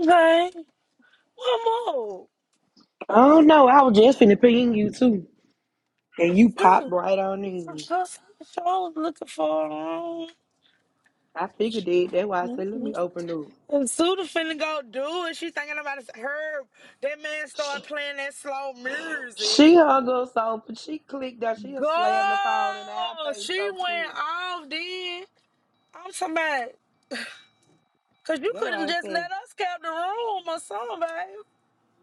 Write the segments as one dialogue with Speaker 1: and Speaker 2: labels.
Speaker 1: Okay, one more.
Speaker 2: Oh no, I was just finna ping you too. And you popped
Speaker 1: Good.
Speaker 2: right on in.
Speaker 1: That's what I was looking for.
Speaker 2: I figured it. That's why I said, let
Speaker 1: Mm-hmm.
Speaker 2: me open up.
Speaker 1: And Suda finna go do it. She thinking about it. Herb, that man
Speaker 2: She,
Speaker 1: started playing that slow music.
Speaker 2: she hung us so she clicked up. She
Speaker 1: Go!
Speaker 2: slammed the phone in our face
Speaker 1: She
Speaker 2: so quick.
Speaker 1: went off then. I'm talking about, because you
Speaker 2: That's
Speaker 1: couldn't
Speaker 2: why I
Speaker 1: just
Speaker 2: said,
Speaker 1: let us cap the room or something, babe.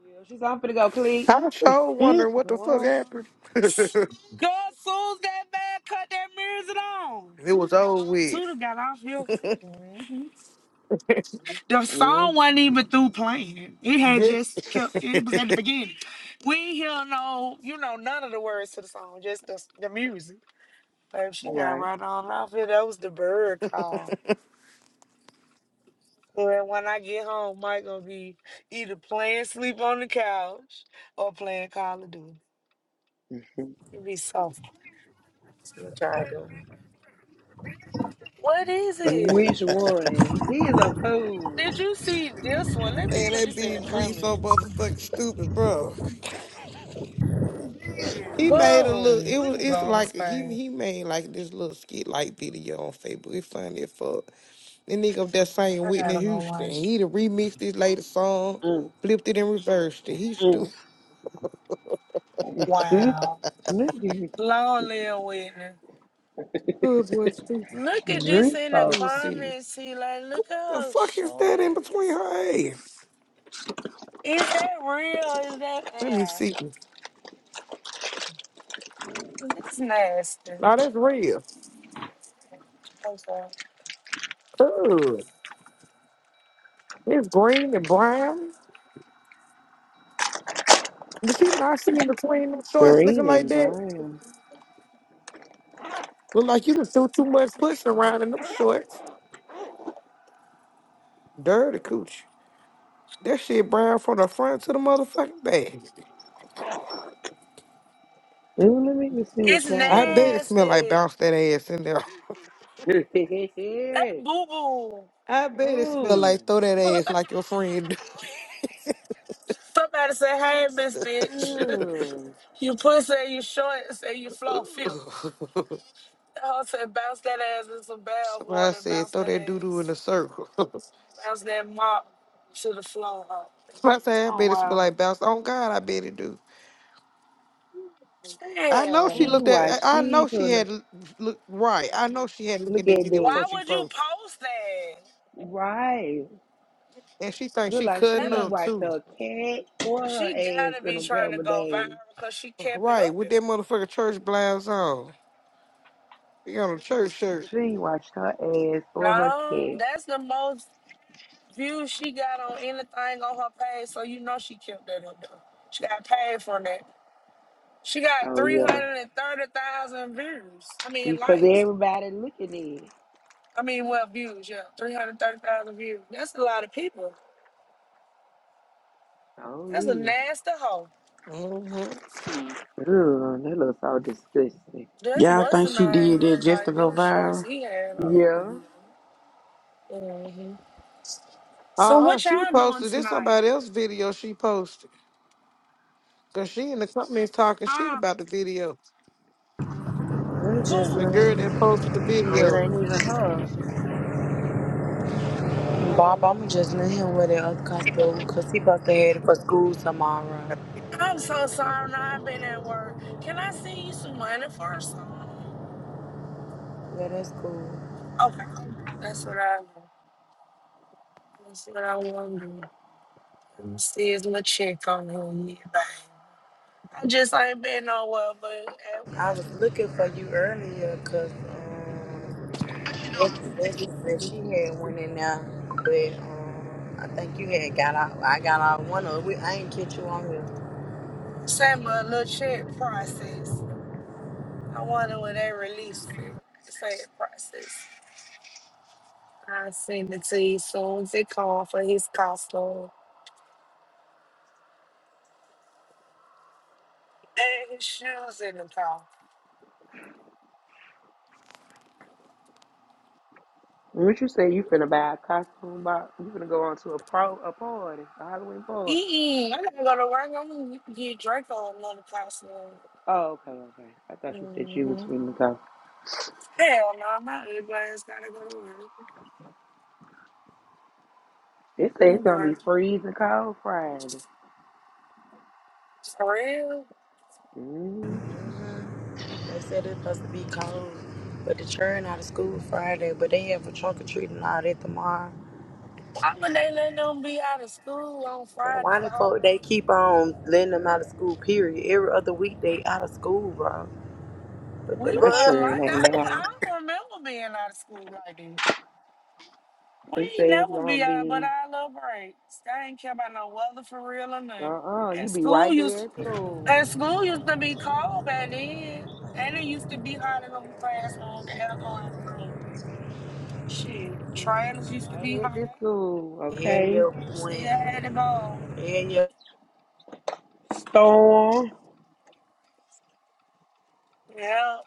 Speaker 2: yeah, she's I'm finna go click.
Speaker 3: I sure
Speaker 2: Mm,
Speaker 3: wondering what the fuck
Speaker 1: Go.
Speaker 3: happened. it
Speaker 1: Go, Suze, that man cut that music on.
Speaker 3: was old wig.
Speaker 1: Suda got off here. Mm-hmm. The song
Speaker 2: mm, all
Speaker 1: wasn't even through playing. It had just
Speaker 3: Just
Speaker 1: kept. It was at
Speaker 3: and
Speaker 1: the beginning. We ain't hear no, you know, none of the words to the song. Just the the music. Babe, she got
Speaker 2: right.
Speaker 1: right on off it. That was the bird call. Well, when I get home, Mike gonna be either playing sleep on the couch or playing Call of Duty. It be soft.
Speaker 4: Tried to.
Speaker 1: What is it?
Speaker 2: Which one? He is a fool.
Speaker 1: Did you see this one? Let me put
Speaker 3: that
Speaker 1: this in the
Speaker 3: bitch Dree so
Speaker 1: comments.
Speaker 3: motherfucking stupid, bro. He made a look.
Speaker 1: Go.
Speaker 3: It
Speaker 1: Let
Speaker 3: was.
Speaker 1: me go
Speaker 3: It's
Speaker 1: on his
Speaker 3: like he
Speaker 1: thing.
Speaker 3: he made like this little skit like video on Facebook. It's funny as fuck. The nigga up there singing
Speaker 1: I
Speaker 3: Whitney
Speaker 1: gotta go
Speaker 3: Houston.
Speaker 1: watch. it.
Speaker 3: He done remixed his latest song,
Speaker 2: Mm,
Speaker 3: flipped it and reversed it. He stupid.
Speaker 2: mm, mm.
Speaker 1: Wow.
Speaker 2: Look at you.
Speaker 1: Long live Whitney.
Speaker 3: Oh boy, stupid.
Speaker 1: Look at this
Speaker 2: Drink
Speaker 1: in the
Speaker 2: so
Speaker 3: Let me see.
Speaker 1: comments. See, like,
Speaker 3: What
Speaker 1: look at
Speaker 3: the
Speaker 1: her
Speaker 3: fuck is that in between
Speaker 1: shorts.
Speaker 3: her ass?
Speaker 1: Is that real? Is that
Speaker 3: Let me
Speaker 1: yeah?
Speaker 3: see.
Speaker 1: That's nasty.
Speaker 3: Now that's real.
Speaker 1: I'm sorry.
Speaker 3: Ugh. It's green and brown. But she not seeing between them shorts looking
Speaker 2: green
Speaker 3: like
Speaker 2: and
Speaker 3: that.
Speaker 2: brown.
Speaker 3: Look like you done threw too much push around in them shorts. Dirty cooch. That shit brown from the front to the motherfucking back.
Speaker 2: Ooh, let me just see what
Speaker 1: It's
Speaker 3: I bet
Speaker 2: y'all
Speaker 3: it smell like
Speaker 1: nasty.
Speaker 3: bounce that ass in there.
Speaker 1: That
Speaker 2: looking.
Speaker 1: boo boo.
Speaker 3: I bet it smell
Speaker 2: Oh,
Speaker 3: like throw that ass like your friend.
Speaker 1: Somebody say, "Hey, Miss Bitch,
Speaker 2: oh,
Speaker 1: you pussy, and you shorts, and you flow filthy." The hoe said, "Bounce that ass in some bath
Speaker 3: Somebody
Speaker 1: water, and
Speaker 3: said
Speaker 1: bounce
Speaker 3: throw
Speaker 1: that
Speaker 3: that doo doo in
Speaker 1: ass,
Speaker 3: a circle.
Speaker 1: bounce that mop to the floor."
Speaker 3: Somebody said I
Speaker 1: Oh
Speaker 3: bet it smell
Speaker 1: wow,
Speaker 3: like bounce. Oh God, I bet it do. I know
Speaker 2: she
Speaker 3: she
Speaker 1: damn.
Speaker 2: ain't
Speaker 3: looked at.
Speaker 2: washed
Speaker 3: I I
Speaker 2: she
Speaker 3: know
Speaker 2: till
Speaker 3: she
Speaker 2: n-
Speaker 3: had looked right. I know she had looking
Speaker 2: look
Speaker 3: at
Speaker 2: at
Speaker 3: that video
Speaker 1: Why
Speaker 2: that.
Speaker 3: before she
Speaker 1: would you
Speaker 3: posted.
Speaker 1: post that?
Speaker 2: Right.
Speaker 3: And she thinks
Speaker 2: Look
Speaker 3: she
Speaker 2: like
Speaker 1: Is that
Speaker 3: cutting
Speaker 2: she
Speaker 1: a
Speaker 2: ain't
Speaker 3: up
Speaker 2: wiped
Speaker 3: too.
Speaker 2: her cat or her
Speaker 1: she gotta
Speaker 2: ass in
Speaker 1: be
Speaker 2: a
Speaker 1: trying to
Speaker 2: couple of
Speaker 1: go
Speaker 2: days.
Speaker 1: viral because she kept it
Speaker 3: Right,
Speaker 1: up
Speaker 3: with
Speaker 1: there.
Speaker 3: that motherfucker church blouse on. She got a church shirt.
Speaker 2: She ain't washed her ass or her
Speaker 1: No,
Speaker 2: cat.
Speaker 1: that's the most views she got on anything on her page, so you know she kept that up there. She got paid for that. She got
Speaker 2: Oh
Speaker 1: three
Speaker 2: yeah.
Speaker 1: hundred and thirty thousand views. I mean
Speaker 2: Because
Speaker 1: likes.
Speaker 2: everybody looking at it.
Speaker 1: I mean well views, yeah. Three hundred and thirty thousand views. That's a lot of people.
Speaker 2: Oh
Speaker 1: That's a
Speaker 2: yeah.
Speaker 1: nasty hoe.
Speaker 3: Mm-hmm.
Speaker 2: Ugh, that looks so disgusting.
Speaker 1: That's
Speaker 5: Y'all
Speaker 1: what's
Speaker 5: think
Speaker 1: the
Speaker 5: she
Speaker 1: name
Speaker 5: did that
Speaker 1: look
Speaker 5: just to
Speaker 1: like
Speaker 5: go
Speaker 1: them
Speaker 5: viral?
Speaker 1: shorts he had
Speaker 2: Yeah.
Speaker 1: on. hmm. So
Speaker 3: Uh-uh,
Speaker 1: what
Speaker 3: she
Speaker 1: y'all doing
Speaker 3: posted this
Speaker 1: tonight?
Speaker 3: somebody else video she posted. Cause she in the comments talking shit
Speaker 1: Huh?
Speaker 3: about the video.
Speaker 4: I'm just
Speaker 3: The
Speaker 1: Who?
Speaker 3: girl that posted the
Speaker 2: So it
Speaker 3: video.
Speaker 2: ain't even her.
Speaker 1: Oh,
Speaker 4: Bob. I'm just letting him wear the other costume 'cause he supposed to head for school tomorrow.
Speaker 1: I'm so sorry. Now I've been at work. Can I send you some money for a
Speaker 4: Yeah, that's cool.
Speaker 1: Okay. That's what I want. That's what I want to do. Let me see his little check on him. Yeah, bang. I just ain't been nowhere but at, I
Speaker 4: I
Speaker 1: had to
Speaker 4: was
Speaker 1: go to
Speaker 4: looking for
Speaker 1: work.
Speaker 4: you earlier 'cause um, Lisa said she had one in there, but um, I think you had got out. I got out one of. We I ain't catch you on here.
Speaker 1: Send my little check process. I wonder when they release it. Say it process. i send it to you soon as it comes for his costume. And his shoes in the car.
Speaker 2: What you say you finna buy a costume box? You finna go on to a pro a party, a Halloween party.
Speaker 1: Mm-mm, i got to go to work. I'm gonna get Draco another costume.
Speaker 2: Oh, okay, okay. I thought you said you was
Speaker 1: Mm-hmm.
Speaker 2: ready to go.
Speaker 1: Hell no, my ugly ass gotta go to work.
Speaker 2: They say it's
Speaker 1: Don't
Speaker 2: gonna be
Speaker 1: work.
Speaker 2: freezing cold Friday.
Speaker 1: For real?
Speaker 2: Mm,
Speaker 4: They said it's supposed to be cold, but the children out of school Friday, but they have a trunk or treat and all that tomorrow.
Speaker 1: Why would they let them be out of school on
Speaker 4: Then
Speaker 1: Friday
Speaker 4: Why the
Speaker 1: for
Speaker 4: fuck they
Speaker 1: Halloween?
Speaker 4: keep on letting them out of school? Period. Every other week they out of school, bro. What the
Speaker 1: We
Speaker 2: not
Speaker 1: weren't
Speaker 2: sure
Speaker 4: fuck?
Speaker 2: it
Speaker 1: like that. I
Speaker 2: ain't
Speaker 1: don't,
Speaker 2: now.
Speaker 1: I don't remember being out of school like that. We
Speaker 2: They
Speaker 1: ain't
Speaker 2: say it's
Speaker 1: never be
Speaker 2: gonna
Speaker 1: out but
Speaker 2: be
Speaker 1: our little breaks. I ain't care about no weather for real or
Speaker 2: uh
Speaker 1: nothing.
Speaker 2: uh you
Speaker 1: At
Speaker 2: be
Speaker 1: school,
Speaker 2: right
Speaker 1: used
Speaker 2: there
Speaker 1: to
Speaker 2: at school.
Speaker 1: And school used to be cold back then. And it used to be hot in the classroom, the air go out of school. Shit, trailers used to
Speaker 2: Right
Speaker 1: be hot.
Speaker 2: at the school,
Speaker 4: Yeah,
Speaker 2: okay?
Speaker 4: your
Speaker 1: See,
Speaker 4: point.
Speaker 1: I had to go.
Speaker 4: Yeah, your
Speaker 2: Storm.
Speaker 1: Yeah.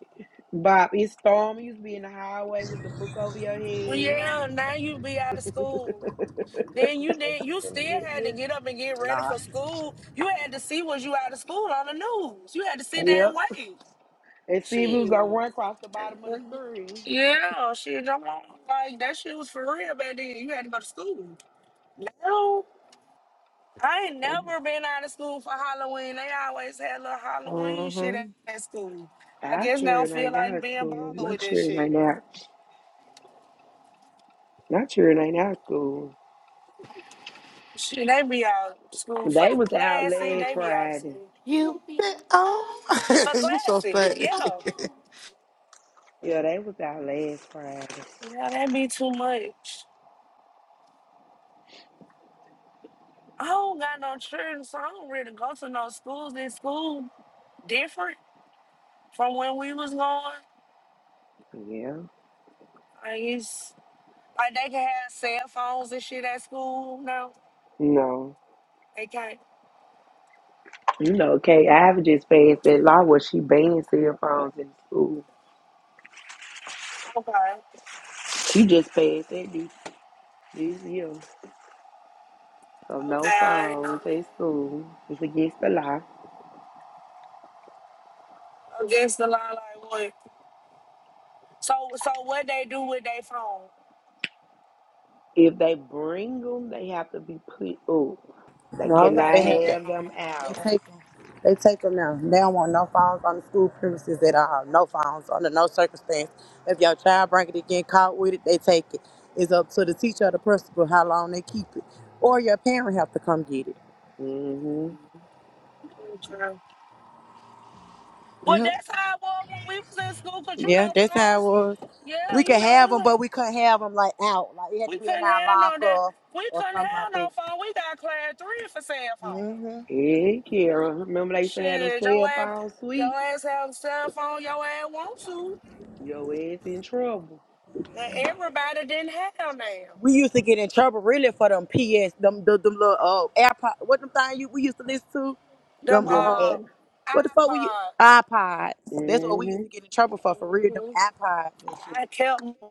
Speaker 2: Bob, it's storm. You used to be in the highway with the book over your
Speaker 1: Well,
Speaker 2: head.
Speaker 1: yeah, now you be out of school. Then you
Speaker 4: and
Speaker 1: did
Speaker 4: you
Speaker 1: you still
Speaker 4: finna get
Speaker 1: had
Speaker 4: me?
Speaker 1: to get up and get ready
Speaker 4: Nah.
Speaker 1: for school. You had to see was you out of school on the news. You had to sit there and
Speaker 2: Yep.
Speaker 1: wait.
Speaker 2: And see if it was gonna
Speaker 1: Shit.
Speaker 2: run across the bottom of the screen.
Speaker 1: Yeah, shit, I'm on. like that shit was for real back then. You had to go to school. No. I ain't never been out of school for Halloween. They always had little Halloween shit
Speaker 3: Mm-hmm.
Speaker 1: at at school. I
Speaker 2: I
Speaker 1: guess they
Speaker 2: sure
Speaker 1: don't
Speaker 2: it
Speaker 1: feel
Speaker 2: ain't now
Speaker 1: like
Speaker 2: at
Speaker 1: being
Speaker 2: school.
Speaker 1: bothered
Speaker 2: Not
Speaker 1: with that
Speaker 2: sure it
Speaker 1: shit.
Speaker 2: ain't now. Not sure it ain't now at school.
Speaker 1: Shit, they be out of school for
Speaker 2: They
Speaker 1: the
Speaker 2: was out
Speaker 1: classy.
Speaker 2: last
Speaker 1: They be out of
Speaker 2: Friday.
Speaker 1: school
Speaker 3: You be Oh,
Speaker 1: for
Speaker 3: you so
Speaker 1: classy.
Speaker 3: funny.
Speaker 1: Yeah.
Speaker 2: Yeah, they was out last Friday.
Speaker 1: Yeah, that be too much. I don't got no children, so I don't really go to no schools. This school different from when we was going.
Speaker 2: Yeah.
Speaker 1: Like it's like they can have cell phones and shit at school. No,
Speaker 2: No.
Speaker 1: they can't.
Speaker 2: You know, Kay Ivy just passed that law where she banned cell phones in school.
Speaker 1: Okay.
Speaker 2: She just passed that this, this year. So
Speaker 1: Okay,
Speaker 2: no
Speaker 1: I ain't know.
Speaker 2: phones
Speaker 1: that.
Speaker 2: in school. It's against the law.
Speaker 1: Against the line like what? So so what they do with their phone?
Speaker 2: If they bring them, they have to be put up. They
Speaker 4: No,
Speaker 1: Okay.
Speaker 2: cannot
Speaker 4: they have to.
Speaker 2: have
Speaker 4: um,
Speaker 2: them
Speaker 4: They
Speaker 2: out.
Speaker 4: take them. They take them now. They don't want no phones on the school premises at all. No phones under no circumstance. If your child bring it, get caught with it, they take it. It's up to the teacher or the principal how long they keep it, or your parent have to come get it.
Speaker 2: Mm-hmm.
Speaker 1: Okay. Well,
Speaker 4: Yep.
Speaker 1: that's how it was when we was in school, cause you
Speaker 4: Yeah,
Speaker 1: know
Speaker 4: that's how it
Speaker 1: phones.
Speaker 4: was.
Speaker 1: Yeah,
Speaker 4: We could
Speaker 1: you know
Speaker 4: have
Speaker 1: we
Speaker 4: them, but
Speaker 1: were-
Speaker 4: we couldn't have them like out. Like it had to
Speaker 1: we
Speaker 4: be in
Speaker 1: couldn't
Speaker 4: our
Speaker 1: have no that.
Speaker 4: locker
Speaker 1: We
Speaker 4: or
Speaker 1: couldn't
Speaker 4: something
Speaker 1: have
Speaker 4: like
Speaker 1: no
Speaker 4: that.
Speaker 1: phone. We got class three for cell phone.
Speaker 4: hmm
Speaker 2: Hey, Kara. Remember they used to have them
Speaker 1: Shit, your
Speaker 2: cell
Speaker 1: ass,
Speaker 2: phone
Speaker 1: your
Speaker 2: sweeps?
Speaker 1: ass have a cell phone. Your ass want to.
Speaker 2: Your ass in trouble.
Speaker 1: And everybody didn't have them.
Speaker 4: We used to get in trouble really for them PS, them them, them little uh, AirPod. What them thing you we used to listen to? Them
Speaker 1: Them
Speaker 2: Them
Speaker 1: uh
Speaker 4: um, what the fuck we
Speaker 1: iPods.
Speaker 4: iPods? That's what we used
Speaker 2: hmm
Speaker 4: to get in trouble for for real. Them
Speaker 1: hmm
Speaker 4: iPods and shit.
Speaker 1: I kept.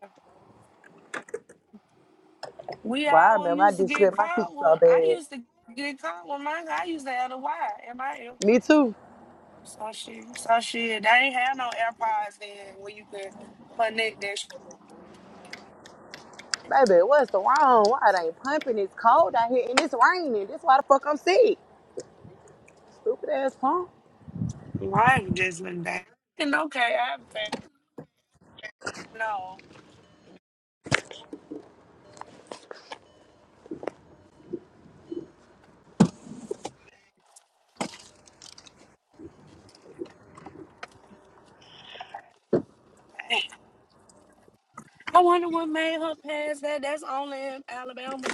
Speaker 1: We
Speaker 4: Well, I
Speaker 1: all
Speaker 4: remember I
Speaker 1: used to
Speaker 4: just said
Speaker 1: get
Speaker 4: my teacher
Speaker 1: caught.
Speaker 4: so
Speaker 1: Well, I
Speaker 4: bad.
Speaker 1: used to get caught with mine. I used to have the Y in my ear.
Speaker 4: Me too.
Speaker 1: So shit. So shit. They ain't have no AirPods then where you could connect that shit.
Speaker 4: Baby, what's the wrong? Why it ain't pumping? It's cold out here and it's raining. That's why the fuck I'm sick. Stupid ass punk.
Speaker 1: Mine just been back. And okay, I'm fair. No. I wonder what made her pass that. That's only in Alabama.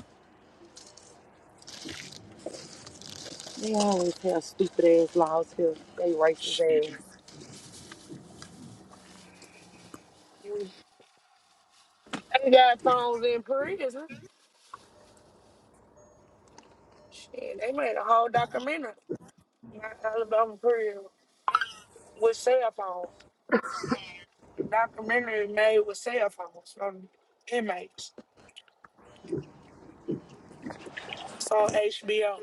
Speaker 4: They always have stupid ass laws here. They racist
Speaker 1: Shit. They got phones in prison. Shit, they made a whole documentary about Alabama prison with cell phones. The documentary made with cell phones from inmates. It's on HBO.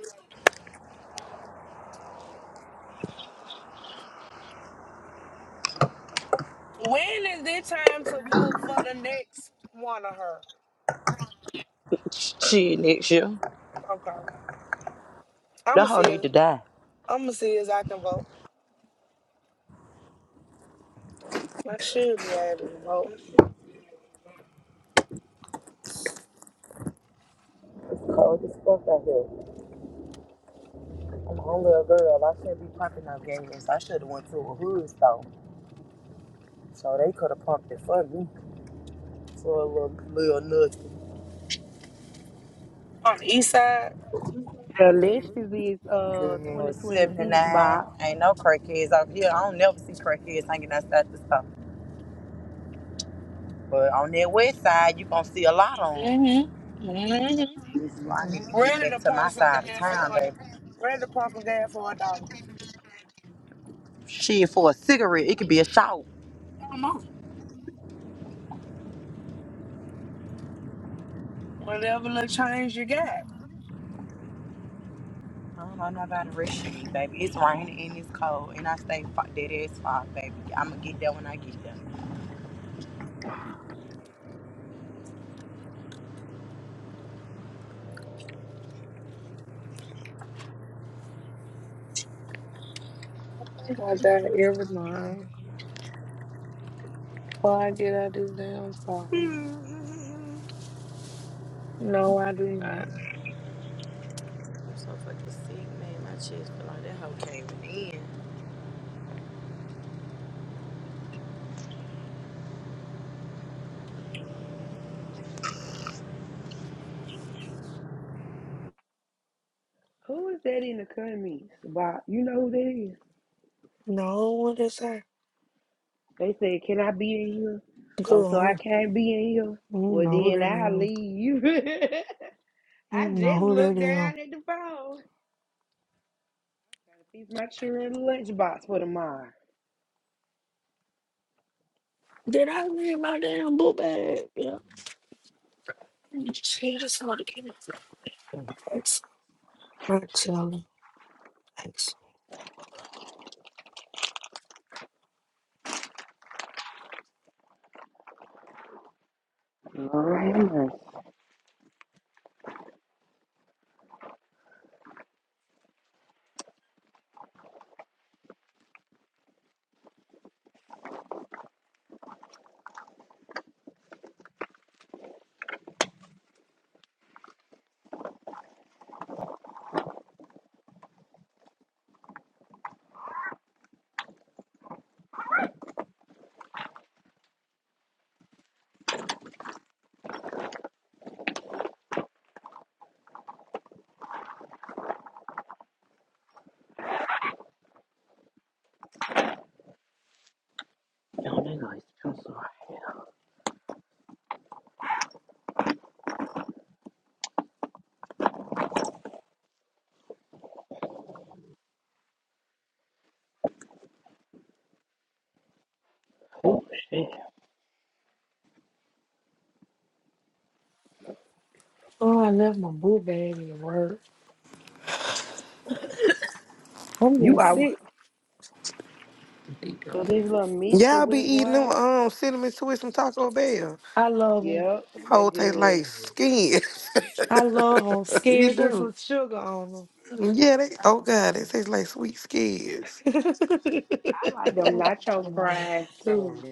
Speaker 1: When is it time to vote for the next one of her?
Speaker 4: ass. Shit, next year.
Speaker 1: Okay.
Speaker 4: The
Speaker 1: I'ma
Speaker 4: hoe
Speaker 1: see
Speaker 4: need
Speaker 1: as
Speaker 4: to die.
Speaker 1: I'ma see as I can vote. I should be able to vote.
Speaker 4: It's cold as fuck out here. I'm a only a girl. I shouldn't be pumping no gas. I should have went to a hood store. So they could have pumped it for me. For a little, little nothing.
Speaker 1: On the east side.
Speaker 2: The Lynch's is uh
Speaker 4: Girl,
Speaker 2: 2026
Speaker 4: 79.
Speaker 2: Bob.
Speaker 4: Ain't no crackheads out here. I don't never see crackheads hanging outside the store. But on that west side, you gonna see a lot on.
Speaker 1: Mm-hmm. Mm-hmm.
Speaker 4: 'em. So I need to get
Speaker 1: Ready
Speaker 4: back
Speaker 1: to
Speaker 4: to my
Speaker 1: pump some
Speaker 4: side of
Speaker 1: gas for
Speaker 4: town,
Speaker 1: a
Speaker 4: baby.
Speaker 1: ready to pump some gas for a dollar.
Speaker 4: Shit, for a cigarette, it could be a shower.
Speaker 1: Come on. Whatever little change you got.
Speaker 4: I don't know nobody rushing me, baby. It's raining and it's cold, and I stay fo- dead ass fog, baby. I'ma get there when I get there.
Speaker 1: I got that every time. Before I get out this damn car. No, I do not.
Speaker 4: I'm so fucking sick, man. My chest feel like that hoe came in.
Speaker 2: Who is that in the comments, Bob? You know who that is?
Speaker 1: No, what is that?
Speaker 2: They said, Can I be in here? Oh,
Speaker 1: Go
Speaker 2: so I
Speaker 1: on.
Speaker 2: can't be in here.
Speaker 1: I don't
Speaker 2: Well
Speaker 1: know who that
Speaker 2: then I'll
Speaker 1: is.
Speaker 2: leave you.
Speaker 1: I
Speaker 2: I
Speaker 1: don't know
Speaker 2: just
Speaker 1: who that
Speaker 2: looked
Speaker 1: is.
Speaker 2: down at the phone. It's my children's lunchbox for tomorrow.
Speaker 1: Did I leave my damn book bag? Yeah. Shit, it's hard to get it. Excellent. Not telling. Excellent.
Speaker 2: Oh, Oh, they gonna smell so hot. Oh, shit.
Speaker 1: Oh, I left my book bag at work. I'm
Speaker 2: You
Speaker 1: getting
Speaker 2: are
Speaker 1: sick.
Speaker 2: so this little misty
Speaker 3: Y'all be
Speaker 2: wet
Speaker 3: eating them
Speaker 2: wine.
Speaker 3: um cinnamon twists and Taco Bell.
Speaker 1: I love them.
Speaker 2: Yep,
Speaker 3: Them
Speaker 2: that
Speaker 3: whole taste
Speaker 2: good.
Speaker 3: like skin.
Speaker 1: I love them.
Speaker 3: you
Speaker 1: Skins with
Speaker 3: do.
Speaker 1: some sugar on them.
Speaker 3: Yeah, they oh god, they taste like sweet skins.
Speaker 1: I
Speaker 2: I like them nacho fries too.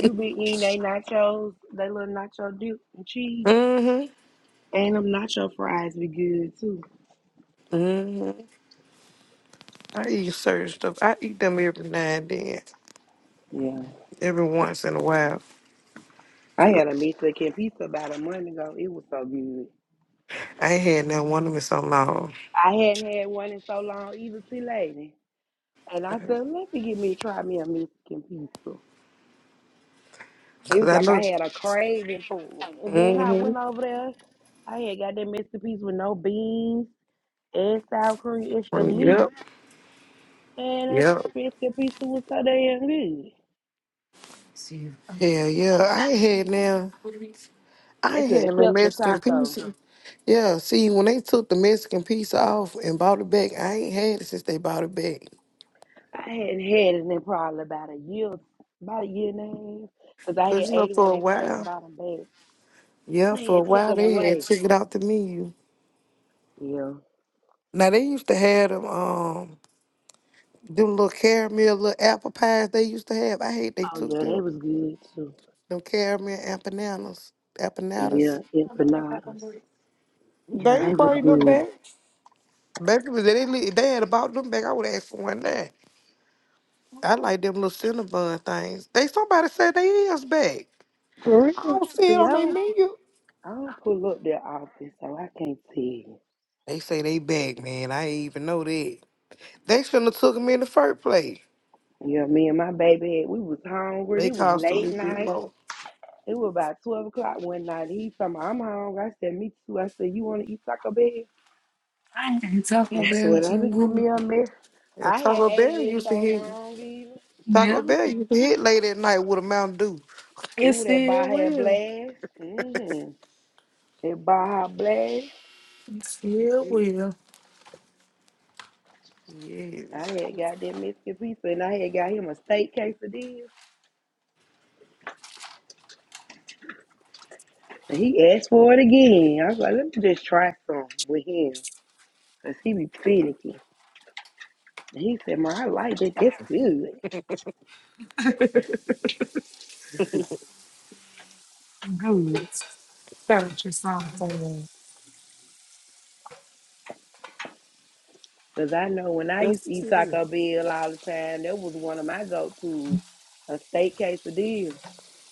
Speaker 2: You be eating they nachos, they little nacho dip and cheese.
Speaker 3: Mm-hmm.
Speaker 2: And them nacho fries be good too.
Speaker 3: Mm-hmm. I eat certain stuff. I eat them every now and then,
Speaker 2: Yeah.
Speaker 3: every once in a while.
Speaker 2: I
Speaker 3: 'Cause
Speaker 2: had a Mexican pizza about a month ago. It was so good.
Speaker 3: I ain't had none one of them in so long.
Speaker 2: I hadn't had one in so long either too lady. And I said, let me get me try me a Mexican pizza.
Speaker 3: 'Cause
Speaker 2: It was
Speaker 3: I
Speaker 2: like I
Speaker 3: look.
Speaker 2: had a craving for it. And then I
Speaker 3: Mm-hmm.
Speaker 2: went over there. I had got that Mexican pizza with no beans and sour cream, extra meat.
Speaker 3: Yep.
Speaker 2: And that
Speaker 3: Yep.
Speaker 2: brisket pizza was so damn good.
Speaker 3: Hell yeah. I ain't had now. I
Speaker 2: They
Speaker 3: ain't
Speaker 2: could
Speaker 3: had
Speaker 2: have
Speaker 3: no
Speaker 2: kept the
Speaker 3: Mexican
Speaker 2: taco.
Speaker 3: pizza. Yeah. See, when they took the Mexican pizza off and bought it back, I ain't had it since they bought it back.
Speaker 2: I hadn't had it in probably about a year, about a year and a half, 'cause I
Speaker 3: 'Cause
Speaker 2: had
Speaker 3: you know,
Speaker 2: ate it when
Speaker 3: for a
Speaker 2: they first
Speaker 3: while.
Speaker 2: bought them back.
Speaker 3: Yeah,
Speaker 2: They
Speaker 3: for a
Speaker 2: had took
Speaker 3: while
Speaker 2: them
Speaker 3: they had
Speaker 2: away.
Speaker 3: took it out the menu.
Speaker 2: Yeah.
Speaker 3: Now they used to have them. Um. Them little caramel little apple pies they used to have. I hate they
Speaker 2: Oh,
Speaker 3: took
Speaker 2: yeah, they
Speaker 3: them
Speaker 2: was good, too.
Speaker 3: them caramel empanadas. Empanadas.
Speaker 2: yeah, empanadas.
Speaker 3: They
Speaker 2: Yeah, they was
Speaker 3: bring them
Speaker 2: good.
Speaker 3: back. Baby, but they li- they had about them back. I would ask for one now. I like them little cinnamon things. They somebody said they is back.
Speaker 2: For
Speaker 3: I
Speaker 2: real.
Speaker 3: don't see it
Speaker 2: See, I
Speaker 3: on their
Speaker 2: don't,
Speaker 3: menu.
Speaker 2: I don't pull up their office, so I can't tell you.
Speaker 3: They say they back, man. I ain't even know that. They shouldn't have took them in the first place.
Speaker 2: Yeah, me and my baby, we was hungry.
Speaker 3: They
Speaker 2: It was
Speaker 3: cost a
Speaker 2: late
Speaker 3: little bit
Speaker 2: night.
Speaker 3: more.
Speaker 2: It was about 12 o'clock one night. He told me, I'm hungry. I said, me too. I said, you want to eat Taco Bell?
Speaker 1: ain't talking
Speaker 2: And I
Speaker 1: about
Speaker 2: said, well,
Speaker 1: it so
Speaker 2: let me give
Speaker 1: long.
Speaker 2: me a miss.
Speaker 3: And
Speaker 2: I had
Speaker 3: Taco
Speaker 2: ate it
Speaker 3: Bell
Speaker 2: in
Speaker 3: used to
Speaker 2: so
Speaker 3: hit
Speaker 2: long, even.
Speaker 3: Taco
Speaker 1: Yeah.
Speaker 3: Bell used to hit late at night with a Mountain Dew.
Speaker 1: It
Speaker 2: Ooh, that
Speaker 1: still
Speaker 2: Baja
Speaker 1: will.
Speaker 2: Blast. Mm-hmm. That Baja Blast.
Speaker 1: It still will.
Speaker 2: I
Speaker 3: Yes.
Speaker 2: had got that Mexican pizza, and I had got him a steak quesadilla. And he asked for it again. I was like, let me just try some with him. Because he be finicky. And he said, man, I like that. That's good.
Speaker 1: Good. That was your song for me.
Speaker 2: Because I know when I used to eat Taco Bell all the time, that was one of my go tos. A steak quesadilla.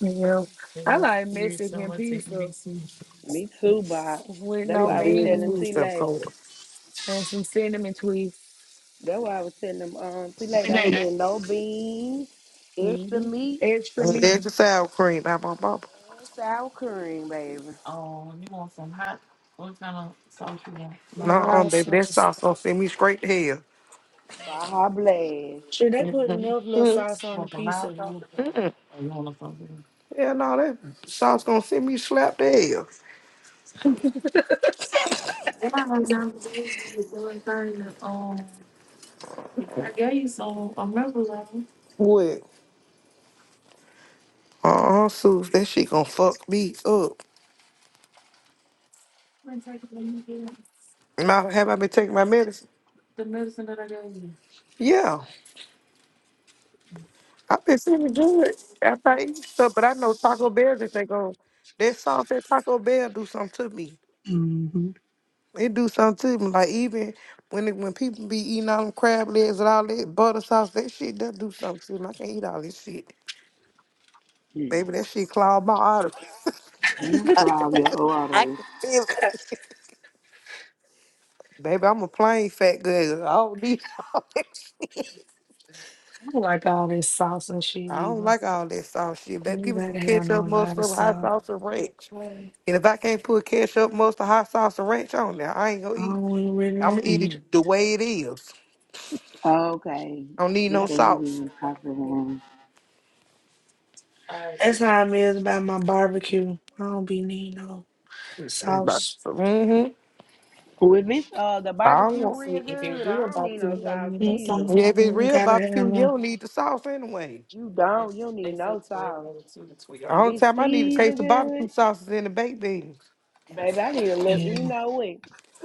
Speaker 1: Yeah. I like Mexican pizza
Speaker 2: Me too, Bob.
Speaker 1: with
Speaker 2: That's
Speaker 3: We
Speaker 1: no
Speaker 2: why
Speaker 3: done
Speaker 2: I was
Speaker 3: buried the
Speaker 2: telling
Speaker 1: beans
Speaker 3: food
Speaker 2: T
Speaker 3: stuff
Speaker 2: Lay.
Speaker 3: cold.
Speaker 1: and some cinnamon twists.
Speaker 2: That's why I was telling them um T Lay. I said no beans, extra
Speaker 1: hmm
Speaker 2: meat,
Speaker 1: Extra meat.
Speaker 3: There's your sour cream by my mama.
Speaker 2: and sour cream, baby.
Speaker 3: What kind of sauce you want? No,
Speaker 1: Mild
Speaker 3: baby, that
Speaker 1: sauce.
Speaker 3: sauce gonna send me straight to hell.
Speaker 2: Baja Blast.
Speaker 1: Should they put enough little sauce on the
Speaker 3: Want some
Speaker 1: pizza
Speaker 3: mild sauce?
Speaker 1: though?
Speaker 3: Mm-mm. Yeah, no, that sauce gonna send me slap to hell. What? Uh-uh, Suze, that shit gonna fuck me up. Now, have I been taking my medicine? Yeah, I've been feeling good after I eat stuff, but I know Taco Bell just ain't gonna, that sauce at Taco Bell do something to me.
Speaker 1: hmm
Speaker 3: It do something to me. Like even when it, when people be eating all them crab legs and all that butter sauce, that shit that do something to me. I can't eat all this shit,
Speaker 2: Hmm.
Speaker 3: baby. That shit clogged my arteries.
Speaker 2: You clog your
Speaker 3: I
Speaker 2: orders.
Speaker 3: can feel it,
Speaker 1: I
Speaker 3: baby. I'm a plain fat girl. I don't need all that.
Speaker 1: don't like all this sauce and shit
Speaker 3: I don't
Speaker 1: either.
Speaker 3: like all that sauce shit, baby.
Speaker 1: You
Speaker 3: Give me some
Speaker 1: gotta have no
Speaker 3: ketchup,
Speaker 1: lot of
Speaker 3: mustard, hot
Speaker 1: sauce.
Speaker 3: sauce, and ranch. And if I can't put ketchup, mustard, hot sauce, and ranch on there, I ain't gonna
Speaker 1: I
Speaker 3: eat.
Speaker 1: don't even really
Speaker 3: I'm
Speaker 1: don't
Speaker 3: gonna eat
Speaker 1: eat it.
Speaker 3: it the way it is.
Speaker 2: Okay.
Speaker 3: I don't need
Speaker 2: They
Speaker 3: no
Speaker 2: say he
Speaker 3: sauce.
Speaker 2: being popular.
Speaker 1: That's how I'm is about my barbecue. I don't be need no sauce.
Speaker 3: Mm-hmm.
Speaker 2: Well, if it's uh the
Speaker 3: I don't
Speaker 2: barbecue
Speaker 3: want.
Speaker 2: real good, I don't need no sauce either.
Speaker 1: Mm-mm.
Speaker 3: Yeah, if it's
Speaker 1: Mm,
Speaker 3: real
Speaker 1: Gotta
Speaker 3: about you, you don't
Speaker 1: have
Speaker 3: need the sauce anyway.
Speaker 2: You don't. You need no sauce. If
Speaker 3: Only
Speaker 2: it's
Speaker 3: time I need to taste
Speaker 2: seasoned
Speaker 3: the
Speaker 2: good,
Speaker 3: barbecue sauces and the baked beans.
Speaker 2: baby, I need a little.
Speaker 1: no.
Speaker 2: You know what?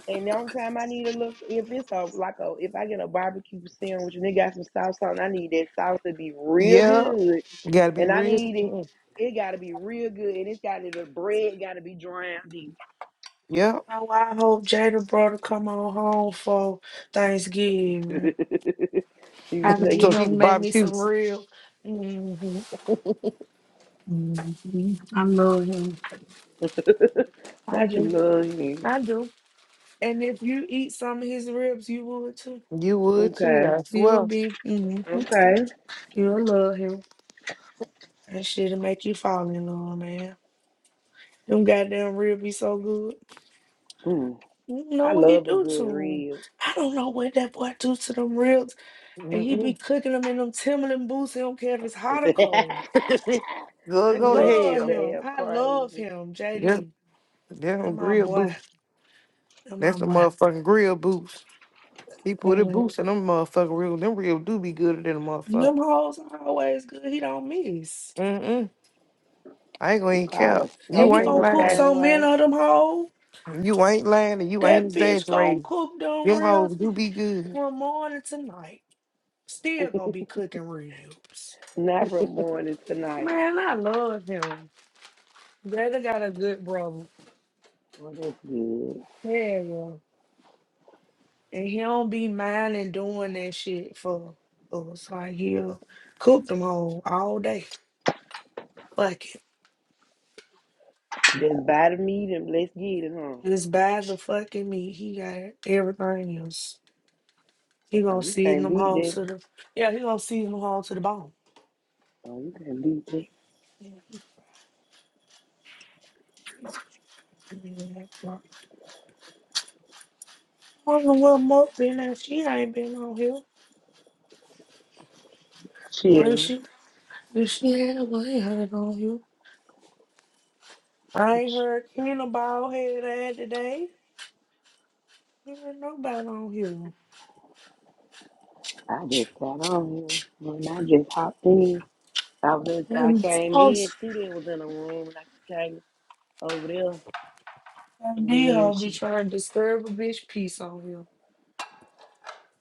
Speaker 2: And the only time I need a little, if it's a like a, if I get a barbecue sandwich and it got some sauce on, I need that sauce to be real
Speaker 3: Yeah,
Speaker 2: good,
Speaker 3: you gotta be
Speaker 2: and I
Speaker 3: real.
Speaker 2: need it. It got to be real good, and it's got to the bread got to be drowned in.
Speaker 3: Yeah,
Speaker 1: Oh, I hope Jada brother come on home for Thanksgiving. I
Speaker 2: you
Speaker 1: can
Speaker 2: say
Speaker 1: get
Speaker 3: so
Speaker 1: him to
Speaker 3: he could
Speaker 1: make me
Speaker 3: barbecue.
Speaker 1: some real. hmm hmm I love him. I
Speaker 2: not
Speaker 1: do.
Speaker 2: you love him.
Speaker 1: I do. And if you eat some of his ribs, you would too.
Speaker 3: You would too,
Speaker 2: Okay,
Speaker 3: I
Speaker 1: You will
Speaker 3: swear.
Speaker 1: be. hmm
Speaker 2: okay.
Speaker 1: You'll love him. That shit'll make you fall in love, man. Them goddamn ribs be so good.
Speaker 2: Mm,
Speaker 1: You know
Speaker 2: I
Speaker 1: what he
Speaker 2: love a
Speaker 1: do to
Speaker 2: good
Speaker 1: 'em.
Speaker 2: rib.
Speaker 1: I don't know what that boy do to them ribs. And he be
Speaker 3: Mm-mm.
Speaker 1: cooking them in them Timberland boots. He don't care if it's hot or cold.
Speaker 3: go
Speaker 1: I
Speaker 2: That
Speaker 3: go to
Speaker 2: girl's so
Speaker 1: love
Speaker 3: hell.
Speaker 1: him.
Speaker 2: damn
Speaker 1: I love
Speaker 2: crazy.
Speaker 1: him,
Speaker 3: Yeah,
Speaker 1: JD.
Speaker 3: yeah, them
Speaker 1: And my
Speaker 3: grill
Speaker 1: boy.
Speaker 3: boots.
Speaker 1: And my
Speaker 3: That's the
Speaker 1: boy.
Speaker 3: motherfucking grill boots. He put
Speaker 1: Can't
Speaker 3: a
Speaker 1: wait.
Speaker 3: boots in them motherfucking real. Them real do be gooder than a motherfucker.
Speaker 1: Them hoes are always good. He don't miss.
Speaker 3: Mm I ain't gonna
Speaker 2: She
Speaker 3: even care.
Speaker 2: probably
Speaker 1: And
Speaker 3: You
Speaker 2: soak
Speaker 1: he
Speaker 3: ain't
Speaker 2: 'em
Speaker 1: gonna
Speaker 2: a
Speaker 1: cook
Speaker 3: lying.
Speaker 2: certain
Speaker 1: so many
Speaker 2: way.
Speaker 1: of them hoes.
Speaker 3: You ain't lying and you ain't
Speaker 1: That bitch gonna
Speaker 3: exaggerating.
Speaker 1: cook them
Speaker 3: Them hoes
Speaker 1: ribs
Speaker 3: do be good.
Speaker 1: from morning to night. Still gonna be cooking ribs.
Speaker 2: Not from morning to night.
Speaker 1: Man, I love him. Jada got a good brother.
Speaker 2: Well, that's good.
Speaker 1: Yeah, yeah. And he don't be minding doing that shit for us. Like he'll cook them whole all day. Fuck it.
Speaker 2: Just buy the meat and let's get it, huh?
Speaker 1: And It's bad the fucking me. He got everything else. He
Speaker 2: Oh,
Speaker 1: gonna
Speaker 2: you
Speaker 1: see
Speaker 2: can't
Speaker 1: them
Speaker 2: beat
Speaker 1: hoes
Speaker 2: that.
Speaker 1: to the yeah. He gonna see them hoes to the bone.
Speaker 2: Oh, you can't beat that.
Speaker 1: Yeah. Wonder what Mo been at? She ain't been on here. Or is
Speaker 2: Chill.
Speaker 1: she? If she had one, ain't heard on here. I ain't heard Kena bald head ass today. Never nobody on here.
Speaker 2: I just got on here. When I just hopped in, I was I
Speaker 1: And
Speaker 2: came in.
Speaker 1: folks,
Speaker 2: Tudy was in the room, and I came over there,
Speaker 1: them
Speaker 2: and then
Speaker 1: D-ho be
Speaker 2: she.
Speaker 1: trying to disturb a bitch peace on here.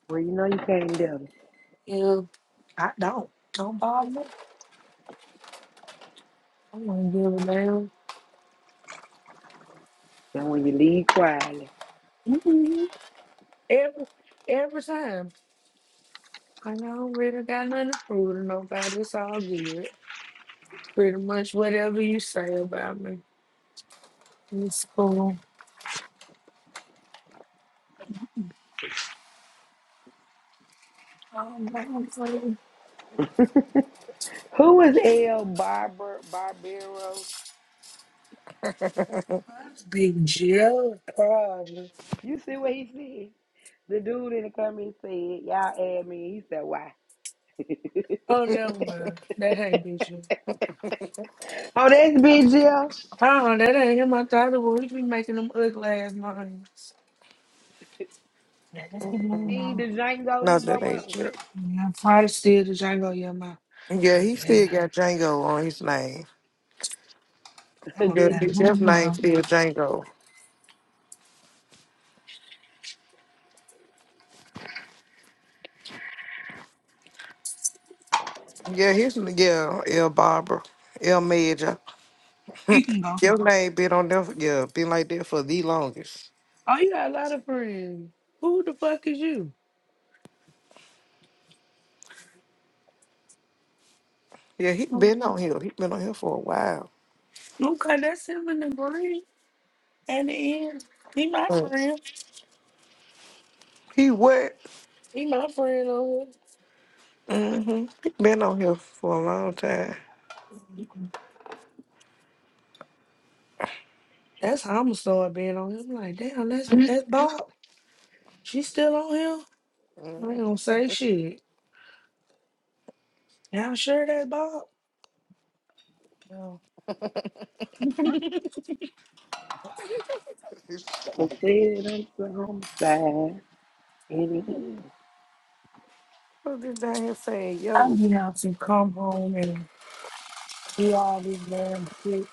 Speaker 2: Well, you know you can't came there.
Speaker 1: Yeah, I don't. Don't bother me. I'm gonna give a damn.
Speaker 2: And when you leave quietly,
Speaker 1: Mhm. Every every time. I don't really got nothing to prove to nobody. It's all good. Pretty much whatever you say about me. It's cool. Um, I am not think-
Speaker 2: who is L. Barber Barbero?
Speaker 1: That's Big Jill, probably.
Speaker 2: You see what he said? The dude in the comment said, Y'all add me. He said, Why?
Speaker 1: Oh, never mind. That ain't Big Jill.
Speaker 2: oh, that's Big Jill.
Speaker 1: Oh, that ain't him. I thought it was. He be making them ugly ass noise. No, no,
Speaker 2: He ain't the
Speaker 1: no.
Speaker 2: Django,
Speaker 3: No,
Speaker 2: this no
Speaker 3: that ain't
Speaker 2: more.
Speaker 3: true.
Speaker 1: Yeah, I'm probably still the Django Yama.
Speaker 3: Yeah,
Speaker 1: I'm
Speaker 3: he still
Speaker 1: glad.
Speaker 3: got Django on his name.
Speaker 1: I don't
Speaker 3: Yeah,
Speaker 2: this
Speaker 1: care.
Speaker 3: bitch,
Speaker 1: No,
Speaker 3: his
Speaker 1: no,
Speaker 3: name
Speaker 1: no.
Speaker 3: still Django. Yeah, his yeah, El Barbara, El Major.
Speaker 1: He can go
Speaker 3: Your name been on there, for- yeah, been like that for the longest.
Speaker 1: Oh, you got a lot of friends. Who the fuck is you?
Speaker 3: Yeah, he been on here. He been on here for a while.
Speaker 1: Okay, that's him in the green. At the end, he my
Speaker 3: Mm.
Speaker 1: friend.
Speaker 3: He what?
Speaker 1: He my friend on here.
Speaker 3: Mm-hmm. He been on here for a long time.
Speaker 1: That's how I'm gonna start being on him. Like, damn, that's that's Bob. She still on him. I ain't
Speaker 3: Mm.
Speaker 1: gonna say shit. Y'all sure that's Bob? No.
Speaker 3: It's-
Speaker 2: I said I'm so homicide. And he
Speaker 3: What this down here saying,
Speaker 1: I
Speaker 3: yo?
Speaker 1: be out to come home and do all this damn shit.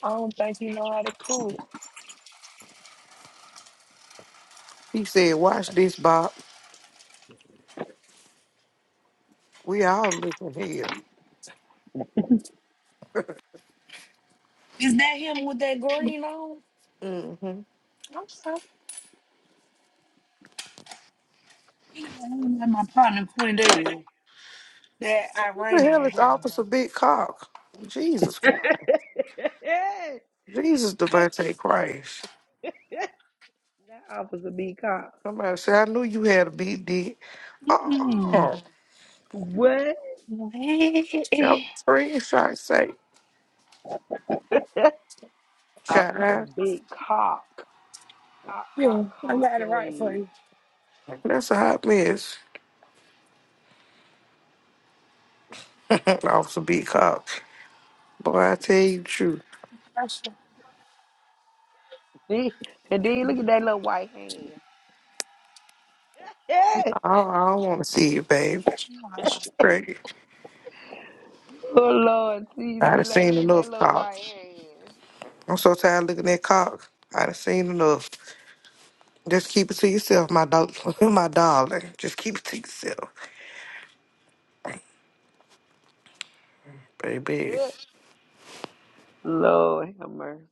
Speaker 1: I don't think he know how to cook.
Speaker 3: He said, Watch this, Bob. We all looking here.
Speaker 1: Is that him with that green on?
Speaker 3: Mm-hmm.
Speaker 1: I'm sorry. He got him like my partner Quindale. That
Speaker 3: Who the
Speaker 1: Iranian
Speaker 3: hell is
Speaker 1: hell.
Speaker 3: Officer Big Cock? Jesus Christ. Jesus Devante Christ.
Speaker 2: That officer big cock.
Speaker 3: Somebody said, I knew you had a big dick.
Speaker 1: Mm-mm.
Speaker 3: Oh,
Speaker 2: What?
Speaker 1: What?
Speaker 3: that was a screenshot say,
Speaker 2: Officer
Speaker 3: child.
Speaker 2: big cock. Cock,
Speaker 1: Yeah,
Speaker 2: cock,
Speaker 1: I
Speaker 2: cock
Speaker 1: got it
Speaker 2: your
Speaker 1: right for
Speaker 2: legs.
Speaker 1: you.
Speaker 3: That's a hot mess. Officer Big Cock. Boy, I tell you the truth.
Speaker 1: That's the
Speaker 2: See? And then look at that little white hand.
Speaker 3: I, I don't want to see it, baby.
Speaker 1: that's what you watch.
Speaker 3: That's great.
Speaker 2: oh Lord, see,
Speaker 3: I
Speaker 2: see,
Speaker 3: done
Speaker 2: like,
Speaker 3: seen
Speaker 2: look at that
Speaker 3: enough
Speaker 2: little
Speaker 3: cock.
Speaker 2: white hand.
Speaker 3: I'm so tired of looking at cock. I done seen enough. Just keep it to yourself, my dog, my darling. Just keep it to yourself, baby.
Speaker 2: Good Lord have mercy.